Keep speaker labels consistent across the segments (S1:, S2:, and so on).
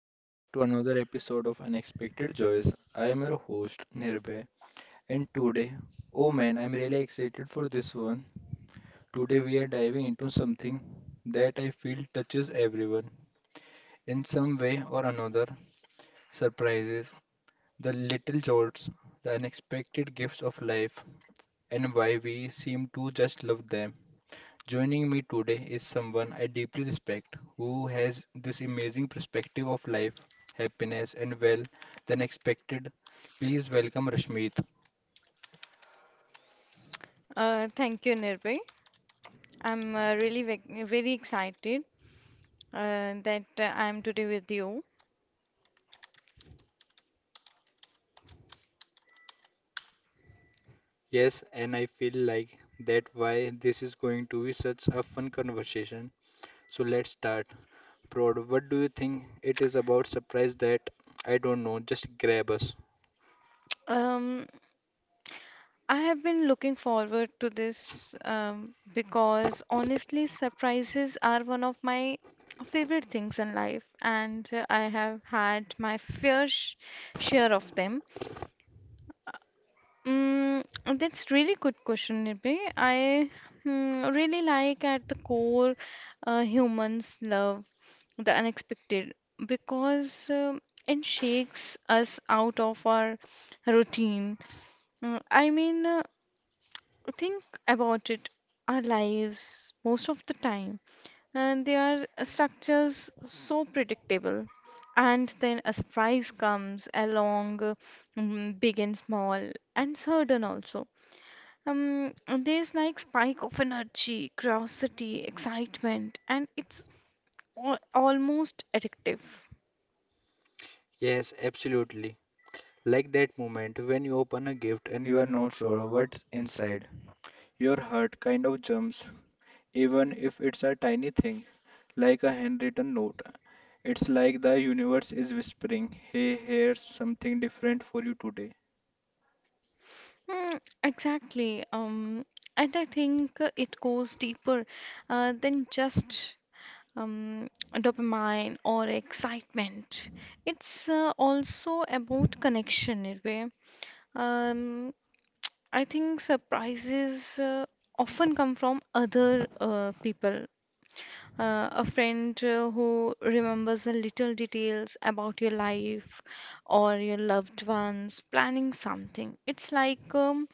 S1: welcome back to another episode of Unexpected Joys. I am your host Nirbhay, and today, oh man, I'm really excited for this one. Today, we are diving into something that I feel touches everyone in some way or another surprises, the little jolts, the unexpected gifts of life, and why we seem to just love them. Joining me today is someone I deeply respect who has this amazing perspective of life, happiness, and well than expected. Please welcome Rashmeet.
S2: Thank you, Nirbhay. I'm really very excited that I'm today with you.
S1: Yes, and I feel like that why this is going to be such a fun conversation. So let's start. Prod, what do you think it is about surprise that I don't know, just grab us?
S2: Um, I have been looking forward to this because honestly, surprises are one of my favorite things in life, and I have had my fair share of them. Mm, that's really good question, Nirbhay. I really like at the core humans love the unexpected because it shakes us out of our routine. Mm, I mean, think about it. Our lives, most of the time, and they are structures so predictable. And then a surprise comes along, big and small, and sudden also. Um, there's like spike of energy, curiosity, excitement, and it's almost addictive.
S1: Yes, absolutely. Like that moment when you open a gift and you are not sure what's inside. Your heart kind of jumps even if it's a tiny thing, like a handwritten note. It's like the universe is whispering, "Hey, here's something different for you today."
S2: Mm, exactly. And I think it goes deeper than just um, dopamine or excitement. It's also about connection, in a way. Um, I think surprises often come from other people. A friend who remembers the little details about your life or your loved ones, planning something. It's like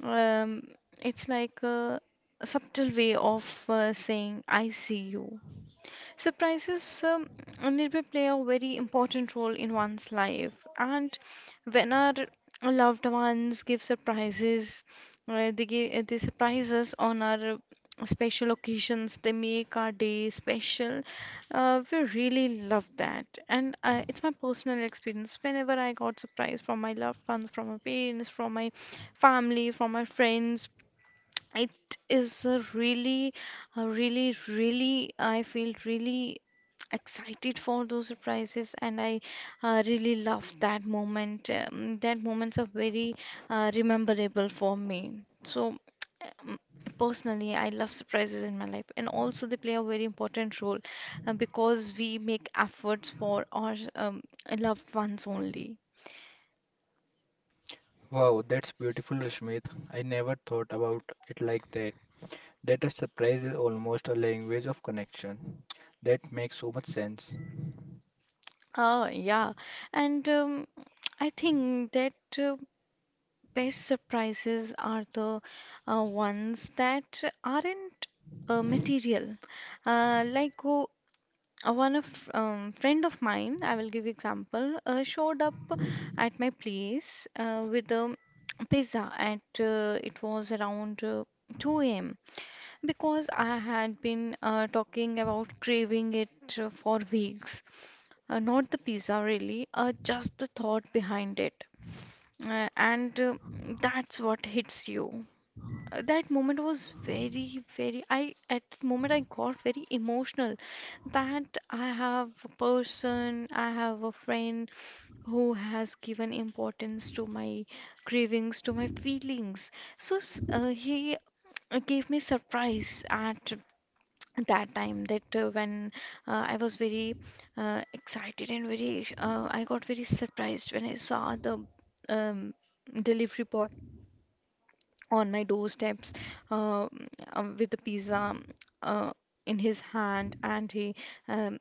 S2: um, a subtle way of saying I see you. Surprises Nirbhay play a very important role in one's life, and when our loved ones give surprises, they surprise us on our special occasions. They make our day special. We really love that, and it's my personal experience. Whenever I got surprise from my loved ones, from my parents, from my family, from my friends, it is a really, really, I feel really excited for those surprises, and I really love that moment. That moments are very rememberable for me. So, um, personally, I love surprises in my life, and also they play a very important role because we make efforts for our loved ones only.
S1: Wow, that's beautiful, Rashmit. I never thought about it like that. That a surprise is almost a language of connection. That makes so much sense.
S2: Ah, yeah, and I think that. Uh, Best surprises are the ones that aren't material. Like one of friend of mine, I will give example, showed up at my place with a pizza at it was around 2 a.m. because I had been talking about craving it for weeks. Not the pizza really, just the thought behind it. And that's what hits you. That moment was very, very. I At the moment I got very emotional that I have a person, I have a friend who has given importance to my cravings, to my feelings. So he gave me surprise at that time that when I was very excited and I got very surprised when I saw the um, delivery boy on my doorsteps uh, with the pizza uh, in his hand and he um,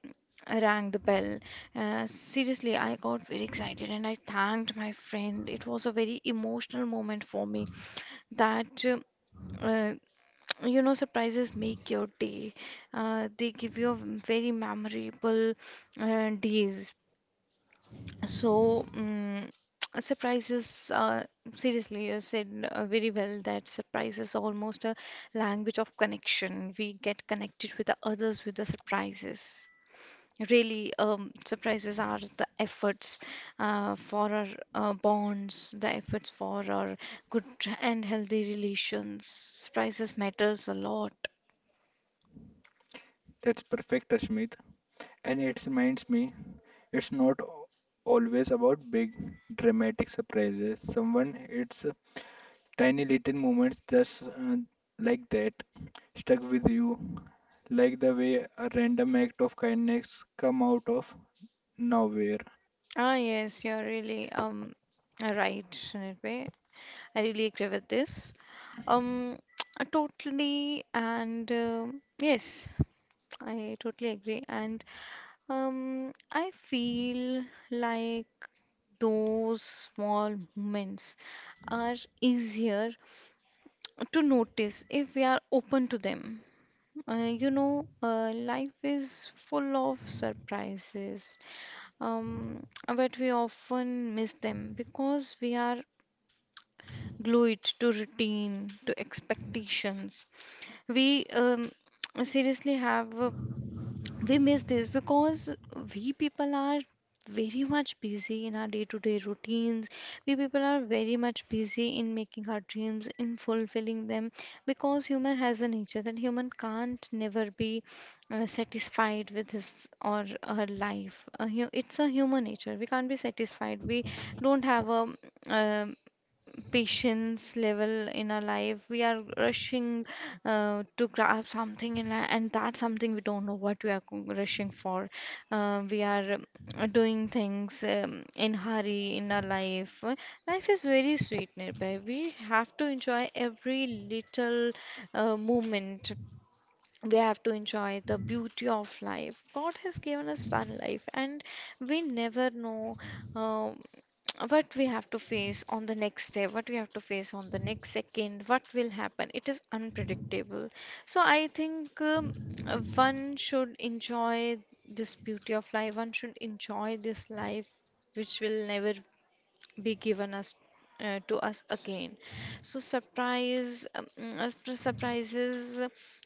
S2: rang the bell. Seriously, I got very excited and I thanked my friend. It was a very emotional moment for me that. Uh, surprises make your day. They give you a very memorable days. So, surprises, seriously, you said very well that surprise is almost a language of connection. We get connected with the others with the surprises. Really, surprises are the efforts for our bonds, the efforts for our good and healthy relations. Surprises matters a lot.
S1: That's perfect, Rashmit. And it reminds me, it's not always about big dramatic surprises someone it's tiny little moments just like that stuck with you, like the way a random act of kindness come out of nowhere.
S2: Ah, yes, you're really right, Nirbhay. I really agree with this. Um, totally, and yes, I totally agree. And I feel like those small moments are easier to notice if we are open to them. Uh, Life is full of surprises, um, but we often miss them because we are glue it to routine, to expectations. We seriously have, we miss this because we people are very much busy in our day-to-day routines. We people are very much busy in making our dreams, in fulfilling them, because human has a nature that human can't never be satisfied with his or her life. It's a human nature. We can't be satisfied. We don't have a um, patience level in our life. We are rushing to grab something, and that's something we don't know what we are rushing for. We are doing things in hurry in our life. Life is very sweet, Nirbhay. We have to enjoy every little moment. We have to enjoy the beauty of life. God has given us one life, and we never know um, what we have to face on the next day, what we have to face on the next second, what will happen. It is unpredictable. So, I think one should enjoy this beauty of life, one should enjoy this life which will never be given us to us again. So surprises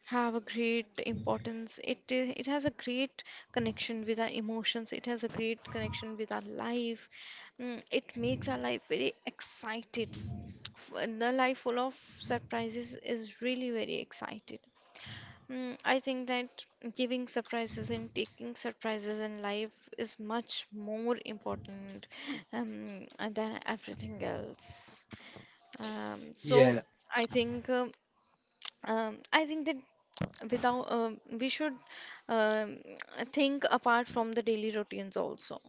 S2: have a great importance. It has a great connection with our emotions. It has a great connection with our life. It makes our life very excited. The life full of surprises is really very excited. I think that giving surprises and taking surprises in life is much more important than everything else. So
S1: Yeah,
S2: I think um, I think that without we should um, think apart from the daily routines also.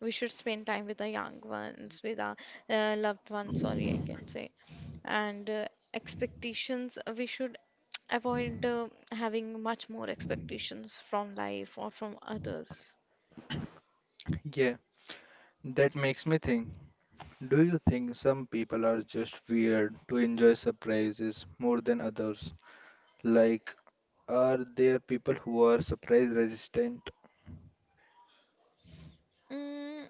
S2: We should spend time with the young ones, with our loved ones. Sorry, I can say and. Expectations we should avoid having much more expectations from life or from others.
S1: yeah, that makes me think. Do you think some people are just weird to enjoy surprises more than others? Like, are there people who are surprise resistant?
S2: Mm,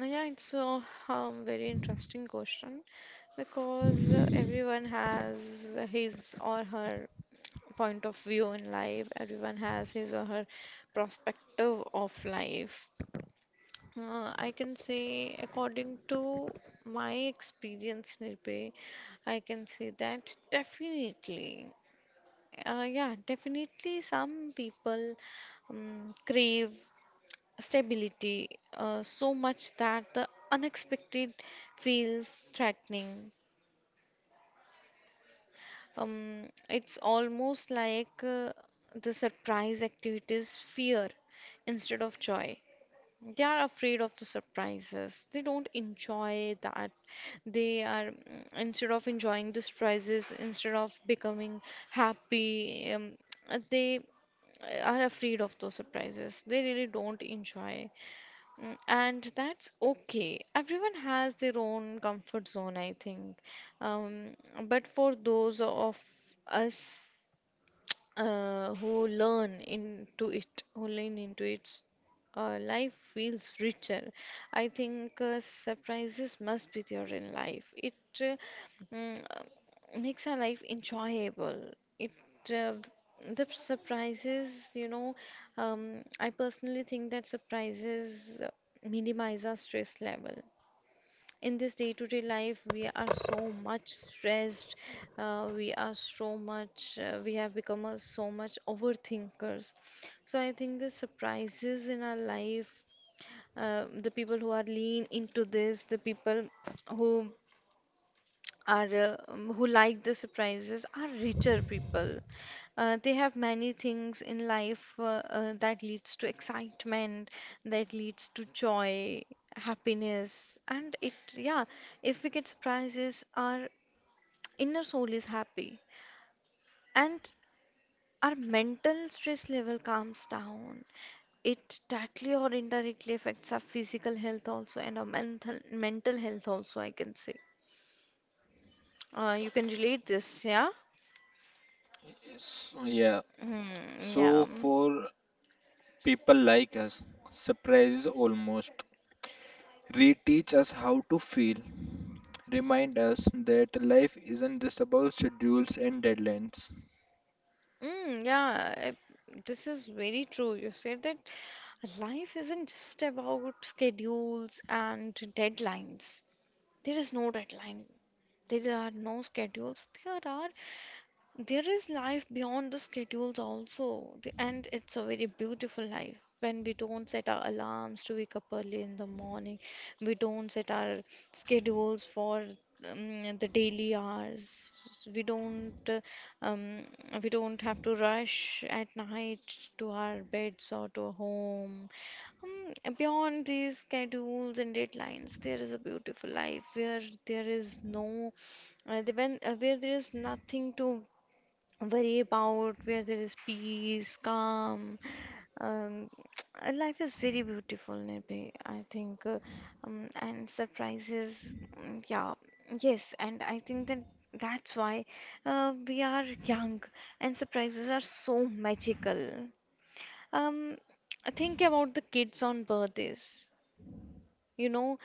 S2: yeah, it's a very interesting question because everyone has his or her point of view in life, everyone has his or her perspective of life. I can say, according to my experience, Nirbhay, I can say that definitely. Yeah, definitely some people crave stability so much that the unexpected feels threatening. It's almost like the surprise activities fear instead of joy. They are afraid of the surprises. They don't enjoy that. They are instead of enjoying the surprises, instead of becoming happy, they are afraid of those surprises. They really don't enjoy. And that's okay. Everyone has their own comfort zone, I think. Um, but for those of us who who lean into it, life feels richer. I think surprises must be there in life. It uh, makes our life enjoyable. It uh, the surprises, I personally think that surprises minimize our stress level in this day-to-day life. We are so much stressed. We are so much we have become a, so much overthinkers. So I think the surprises in our life, the people who who like the surprises are richer people. They have many things in life that leads to excitement, that leads to joy, happiness, and it yeah. If we get surprises, our inner soul is happy and our mental stress level calms down. It directly or indirectly affects our physical health also and our mental health also. I can say. You can relate this, yeah.
S1: Yes, yeah.
S2: Hmm, yeah.
S1: So for people like us, surprise is almost reteach us how to feel, remind us that life isn't just about schedules and deadlines.
S2: Mm, yeah, this is very true. You said that life isn't just about schedules and deadlines. There is no deadline. There are no schedules. There is life beyond the schedules also. And it's a very beautiful life. When we don't set our alarms to wake up early in the morning, we don't set our schedules for the daily hours. We don't uh, um, we don't have to rush at night to our beds or to our home. Hmm. Beyond these schedules and deadlines, there is a beautiful life where there is no, the- when where there is nothing to worry about, where there is peace, calm. Um, life is very beautiful, Nirbhay, I think, um, and surprises. Yeah, yes, and I think that that's why we are young and surprises are so magical. Um, think about the kids on birthdays. You know,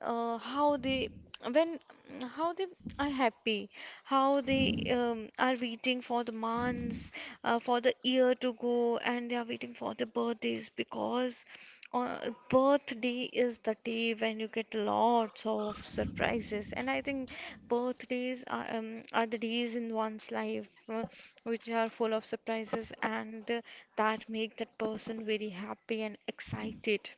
S2: uh, how they when how they are happy, how they are waiting for the months for the year to go and they are waiting for the birthdays because uh, birthday is the day when you get lots of surprises. And I think birthdays are the days in one's life which are full of surprises and that make that person very happy and excited.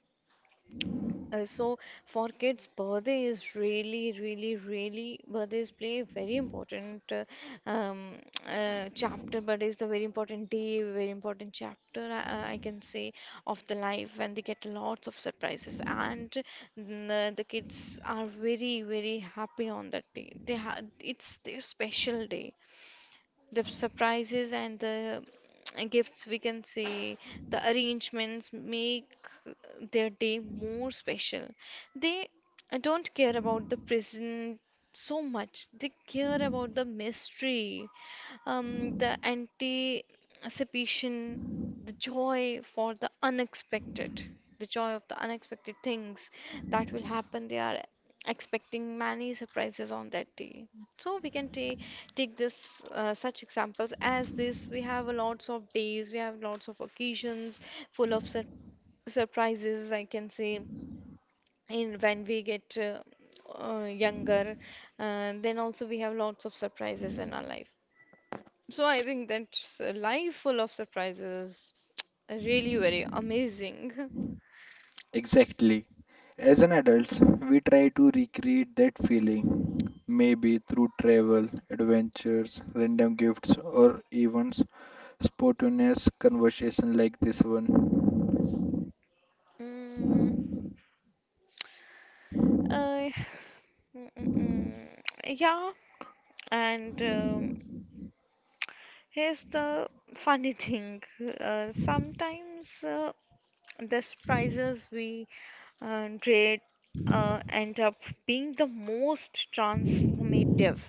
S2: So for kids, birthday is really, really, really. Birthdays play a very important um, chapter. Birthday is the very important day, very important chapter. I can say of the life, when they get lots of surprises, and the kids are very, very happy on that day. They ha it's their special day, the surprises and the gifts, we can say the arrangements make their day more special. They don't care about the present so much, they care about the mystery, the anticipation, the joy for the unexpected, the joy of the unexpected things that will happen. They are expecting many surprises on that day. So we can take this, such examples as this. We have a lots of days, we have lots of occasions full of surprises, I can say, in when we get younger. Then also we have lots of surprises in our life. So I think that life full of surprises really very amazing.
S1: Exactly. As an adult, we try to recreate that feeling, maybe through travel, adventures, random gifts, or even spontaneous conversation like this one.
S2: Mm, I- Mm, mm, mm. Yeah, and here's the funny thing. Sometimes these prizes we rate end up being the most transformative.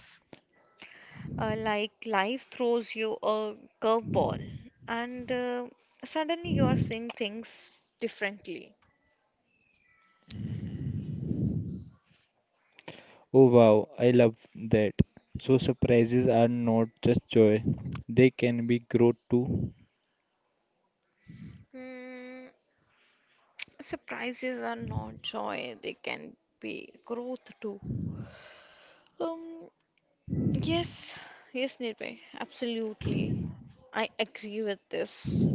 S2: Like life throws you a curveball, and suddenly you are seeing things differently.
S1: Oh wow, I love that. So surprises are not just joy, they can be growth too.
S2: Mm, surprises are not joy, they can be growth too. Um, Yes, yes, Nirbhay, absolutely. I agree with this.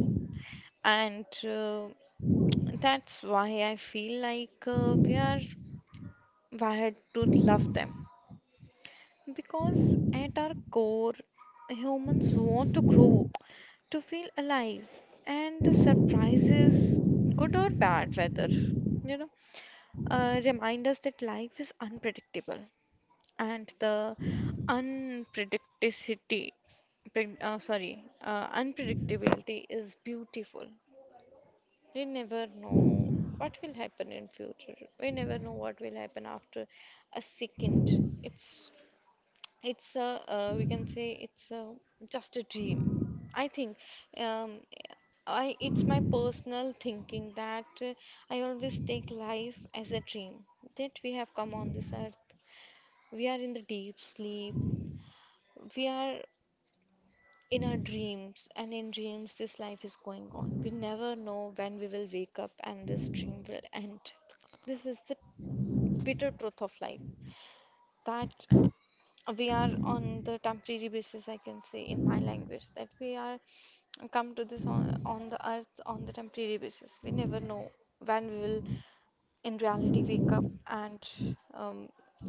S2: And that's why I feel like we are wired to love them. Because at our core, humans want to grow, to feel alive, and the surprises, good or bad, whether you know, remind us that life is unpredictable. And the unpredicticity pred- sorry unpredictability is beautiful. We never know what will happen in future, we never know what will happen after a second. It's it's a, we can say it's a just a dream, I think. Um, I It's my personal thinking that I always take life as a dream, that we have come on this earth, we are in the deep sleep, we are in our dreams, and in dreams this life is going on. We never know when we will wake up and this dream will end. This is the bitter truth of life, that we are on the temporary basis. I can say in my language that we are come to this on the earth on the temporary basis. We never know when we will in reality wake up and um,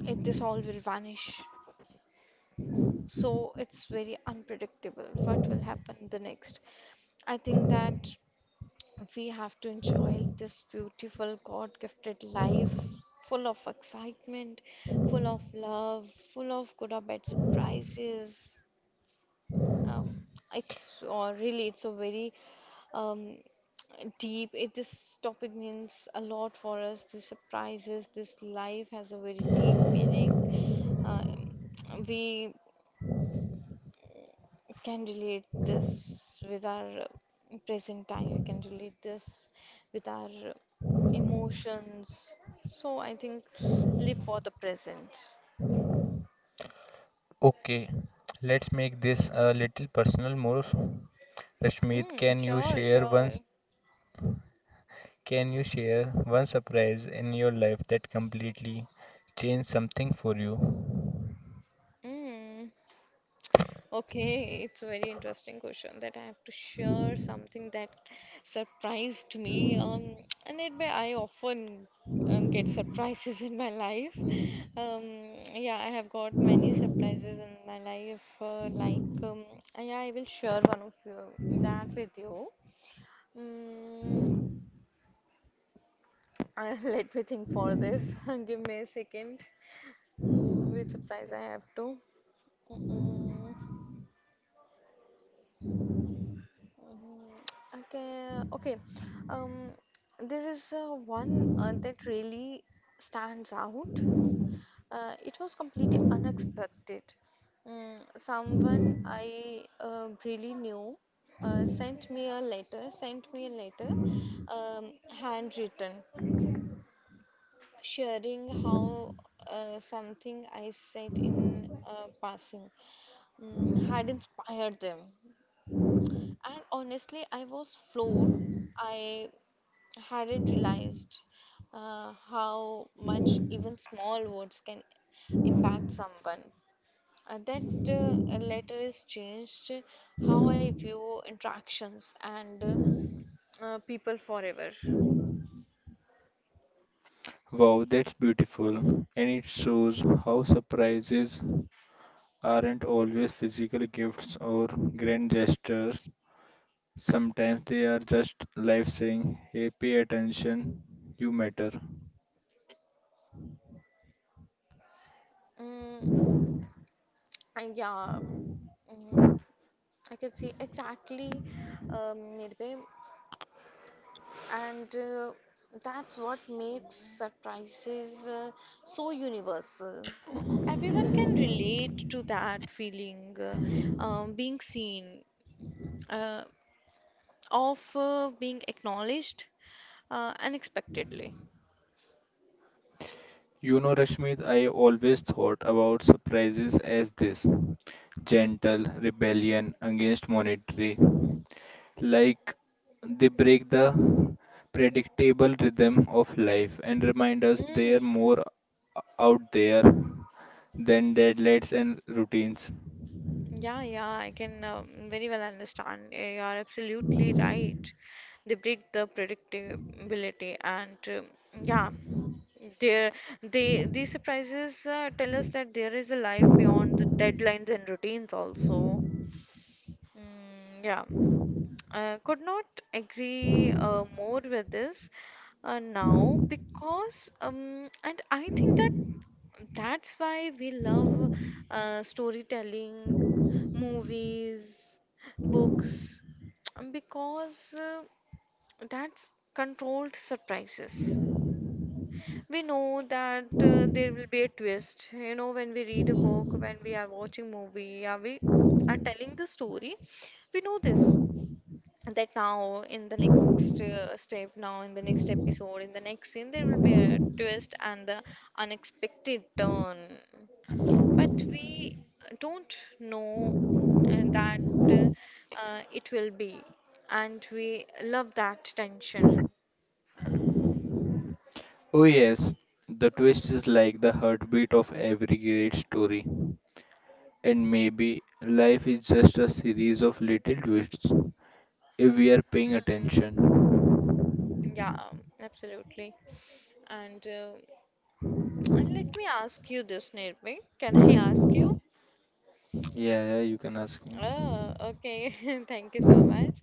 S2: it this all will vanish. So it's very unpredictable what will happen the next. I think that we have to enjoy this beautiful God-gifted life, full of excitement, full of love, full of good or bad surprises. Um, it's or really it's a very um, deep it, this topic means a lot for us. The surprises, this life has a very deep meaning. uh, we can relate this with our present time, we can relate this with our emotions. So I think, live for the present.
S1: Okay, let's make this a little personal more. Rashmit,
S2: Mm,
S1: can you
S2: sure,
S1: share
S2: sure.
S1: can you share one surprise in your life that completely changed something for you?
S2: Mm. Okay, it's a very interesting question that I have to share something that surprised me. And it may I often get surprises in my life. Um, yeah, I have got many surprises in my life. Like, yeah, I will share one of you, that with you. Mm, let me think for this. Give me a second. Mm, which surprise I have to. Mm-mm. Mhm. Okay, okay. Um, there is one that really stands out. It was completely unexpected. Mm, someone I really knew sent me a letter, um, handwritten, sharing how something I said in passing mm, had inspired them. And honestly, I was floored. I hadn't realized how much even small words can impact someone. That letter has changed how I view interactions and people forever.
S1: Wow, that's beautiful. And it shows how surprises aren't always physical gifts or grand gestures. Sometimes they are just life saying, "Hey, pay attention, you matter."
S2: Mm, yeah, mm, I can see exactly, Nirbhay. And that's what makes surprises so universal. Everyone can relate to that feeling, being seen, uh, of being acknowledged unexpectedly.
S1: You know, Rashmit, I always thought about surprises as this gentle rebellion against monetary, like they break the predictable rhythm of life and remind us there
S2: Mm.
S1: are more out there than deadlines and routines.
S2: Yeah, yeah, I can very well understand. You are absolutely right. They break the predictability, and um, yeah, there they these surprises tell us that there is a life beyond the deadlines and routines also. Mm, yeah. I could not agree more with this now because and I think that that's why we love storytelling, movies, books, because that's controlled surprises. We know that there will be a twist. You know, when we read a book, when we are watching movie, are we are telling the story, we know this that now in the next step, now in the next episode, in the next scene, there will be a twist and the unexpected turn, but we don't know that it will be, and we love that tension.
S1: Oh, yes, the twist is like the heartbeat of every great story, and maybe life is just a series of little twists if we are paying
S2: Mhm.
S1: attention.
S2: Yeah, absolutely, and uh, and let me ask you this, Nirbhay. Can I ask you?
S1: Yeah, yeah, you can ask me.
S2: Oh, okay. Thank you so much.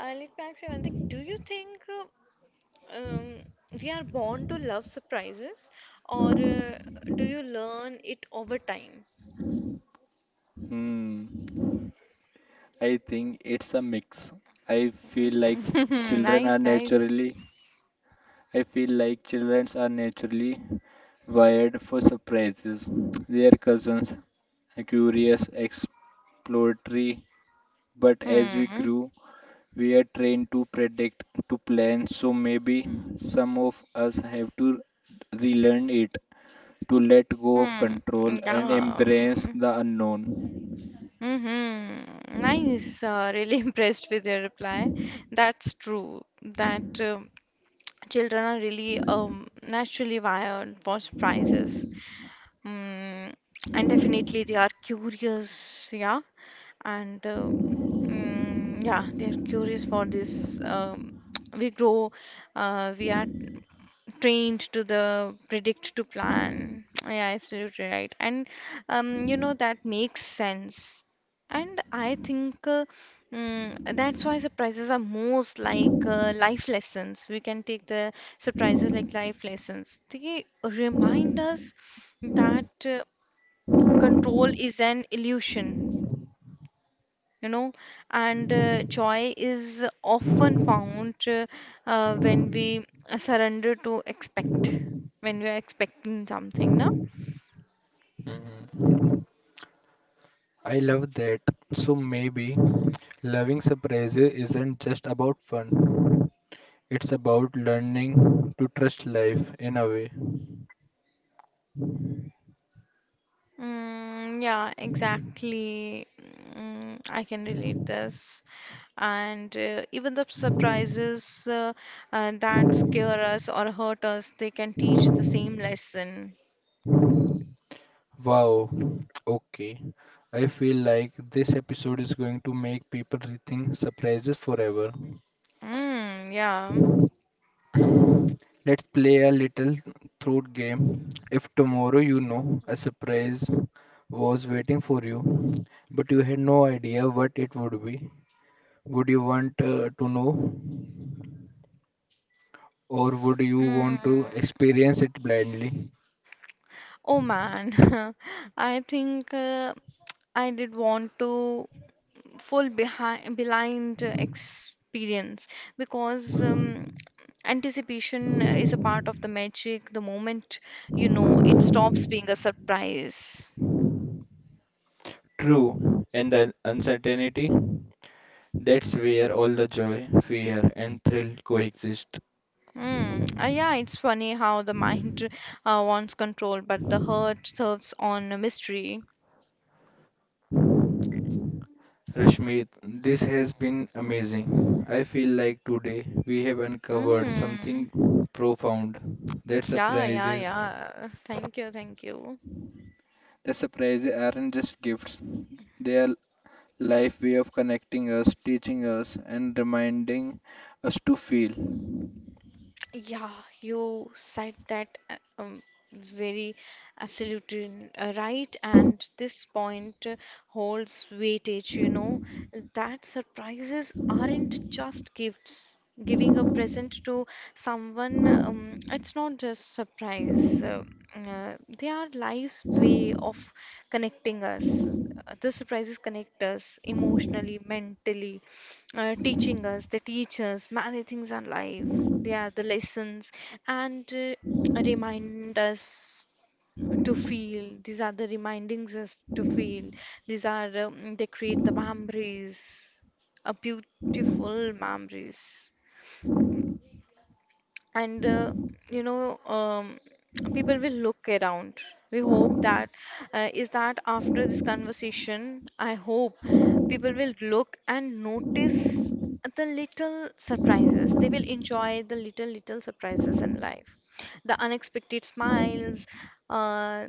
S2: Let me ask you one thing. Do you think um, we are born to love surprises, or do you learn it over time?
S1: Hmm, I think it's a mix. I feel like
S2: Mm.
S1: children are
S2: Nice, nice.
S1: naturally I feel like children are naturally wired for surprises. Their cousins are curious, exploratory, but as we
S2: Mm.
S1: grew, we are trained to predict, to plan, so maybe some of us have to relearn it, to let go of
S2: Mm.
S1: control and
S2: Yeah.
S1: embrace the unknown.
S2: Mm-hmm. Nice. Really impressed with your reply. That's true. That um, children are really naturally wired for surprises. Mm. And definitely they are curious. Yeah. And mm, yeah, they are curious for this. We grow. We are trained to the predict to plan. Yeah, absolutely right. And you know, that makes sense. And I think mm, that's why surprises are most like, life lessons. We can take the surprises like life lessons. They remind us that control is an illusion, you know. And joy is often found when we surrender to expect, when we are expecting something, no.
S1: Hmm, I love that. So maybe loving surprises isn't just about fun. It's about learning to trust life in a way.
S2: Mm, yeah, exactly. Mm, I can relate this. And even the surprises uh, that scare us or hurt us, they can teach the same lesson.
S1: Wow. Okay. I feel like this episode is going to make people rethink surprises forever.
S2: Mm, yeah.
S1: Let's play a little throat game. If tomorrow you know a surprise was waiting for you, but you had no idea what it would be, would you want to know, or would you want to
S2: Mm.
S1: experience it blindly?
S2: Oh man, I think I did want to full behind blind experience, because anticipation is a part of the magic. The moment you know it stops being a surprise.
S1: True, and the uncertainty, that's where all the joy, fear, and thrill coexist.
S2: Hmm. Yeah, it's funny how the mind wants control, but the heart serves on a mystery.
S1: Rashmit, this has been amazing. I feel like today we have uncovered
S2: Mm.
S1: something profound, that
S2: Yeah, yeah,
S1: surprises
S2: yeah. Thank you, thank you.
S1: the surprises aren't just gifts. They are life way of connecting us, teaching us and reminding us to feel.
S2: Yeah, you said that very absolutely right, and this point holds weightage, you know, that surprises aren't just gifts. Giving a present to someone, it's not just surprise, they are life's way of connecting us. The surprises connect us emotionally, mentally, teaching us, they teach us many things in life, they are the lessons. And remind us to feel, these are the remindings us to feel. These are they create the memories, a beautiful memories. And you know, people will look around. We hope that is that after this conversation I hope people will look and notice the little surprises. They will enjoy the little little surprises in life, the unexpected smiles, uh,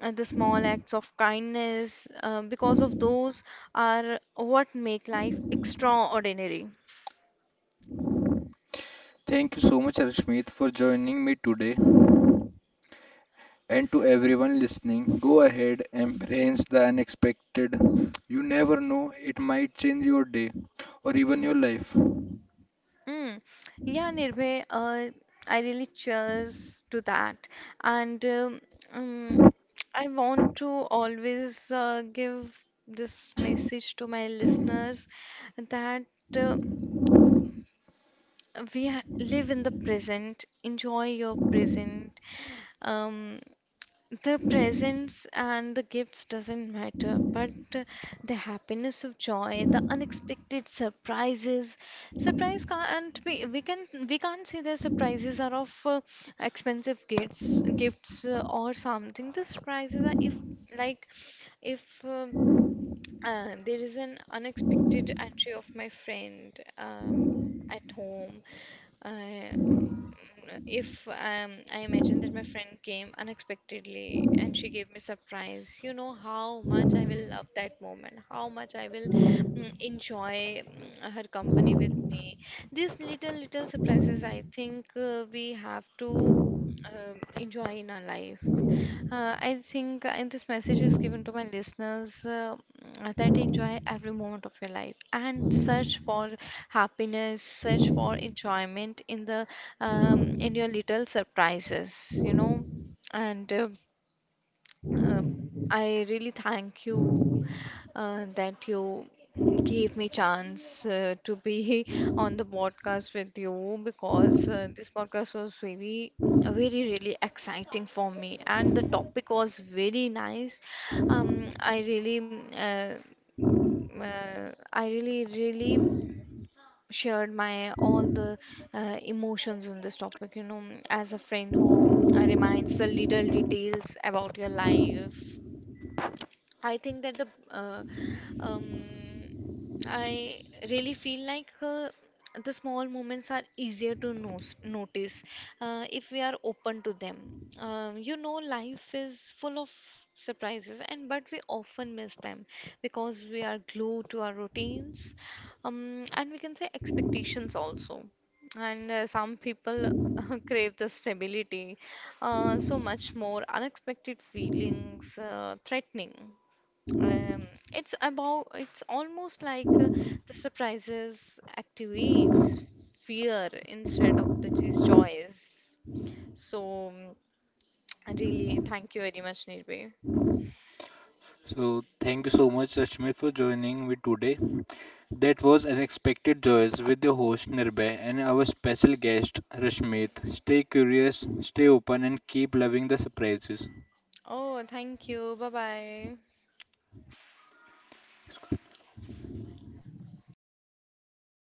S2: and the small acts of kindness, because of those are what make life extraordinary.
S1: Thank you so much Rashmit for joining me today. And to everyone listening, go ahead, embrace the unexpected. You never know, it might change your day or even your life.
S2: Mm. Yeah, Nirbhay, I really cheers to that. And um, I want to always give this message to my listeners that, uh, we ha live in the present, enjoy your present. Um, the presents and the gifts doesn't matter, but the happiness of joy, the unexpected surprises. Surprise can't, we can, we can't say the surprises are of expensive gifts or something. The surprises are if, like, if there is an unexpected entry of my friend, um, at home. Uh, if I imagine that my friend came unexpectedly and she gave me surprise, you know how much I will love that moment, how much I will mm, enjoy mm, her company with me. These little little surprises, I think we have to enjoy in our life. I think and this message is given to my listeners, mm, that enjoy every moment of your life and search for happiness, search for enjoyment in the in your little surprises, you know. And um, I really thank you that you gave me chance to be on the podcast with you, because this podcast was very very really exciting for me and the topic was very nice. um I really uh, I really really shared my all the emotions in this topic, you know, as a friend who reminds the little details about your life. I think that the um, I really feel like the small moments are easier to nos notice if we are open to them. You know, life is full of surprises, and but we often miss them because we are glued to our routines, and we can say expectations also. And some people crave the stability, so much more unexpected feelings, threatening. Um, it's about, it's almost like the surprises activates fear instead of the just joys. So, mm, really, thank you very much, Nirbhay.
S1: So, thank you so much, Rashmi, for joining me today. That was Unexpected Joys with your host Nirbhay and our special guest Rashmit. Stay curious, stay open, and keep loving the surprises.
S2: Oh, thank you. Bye bye.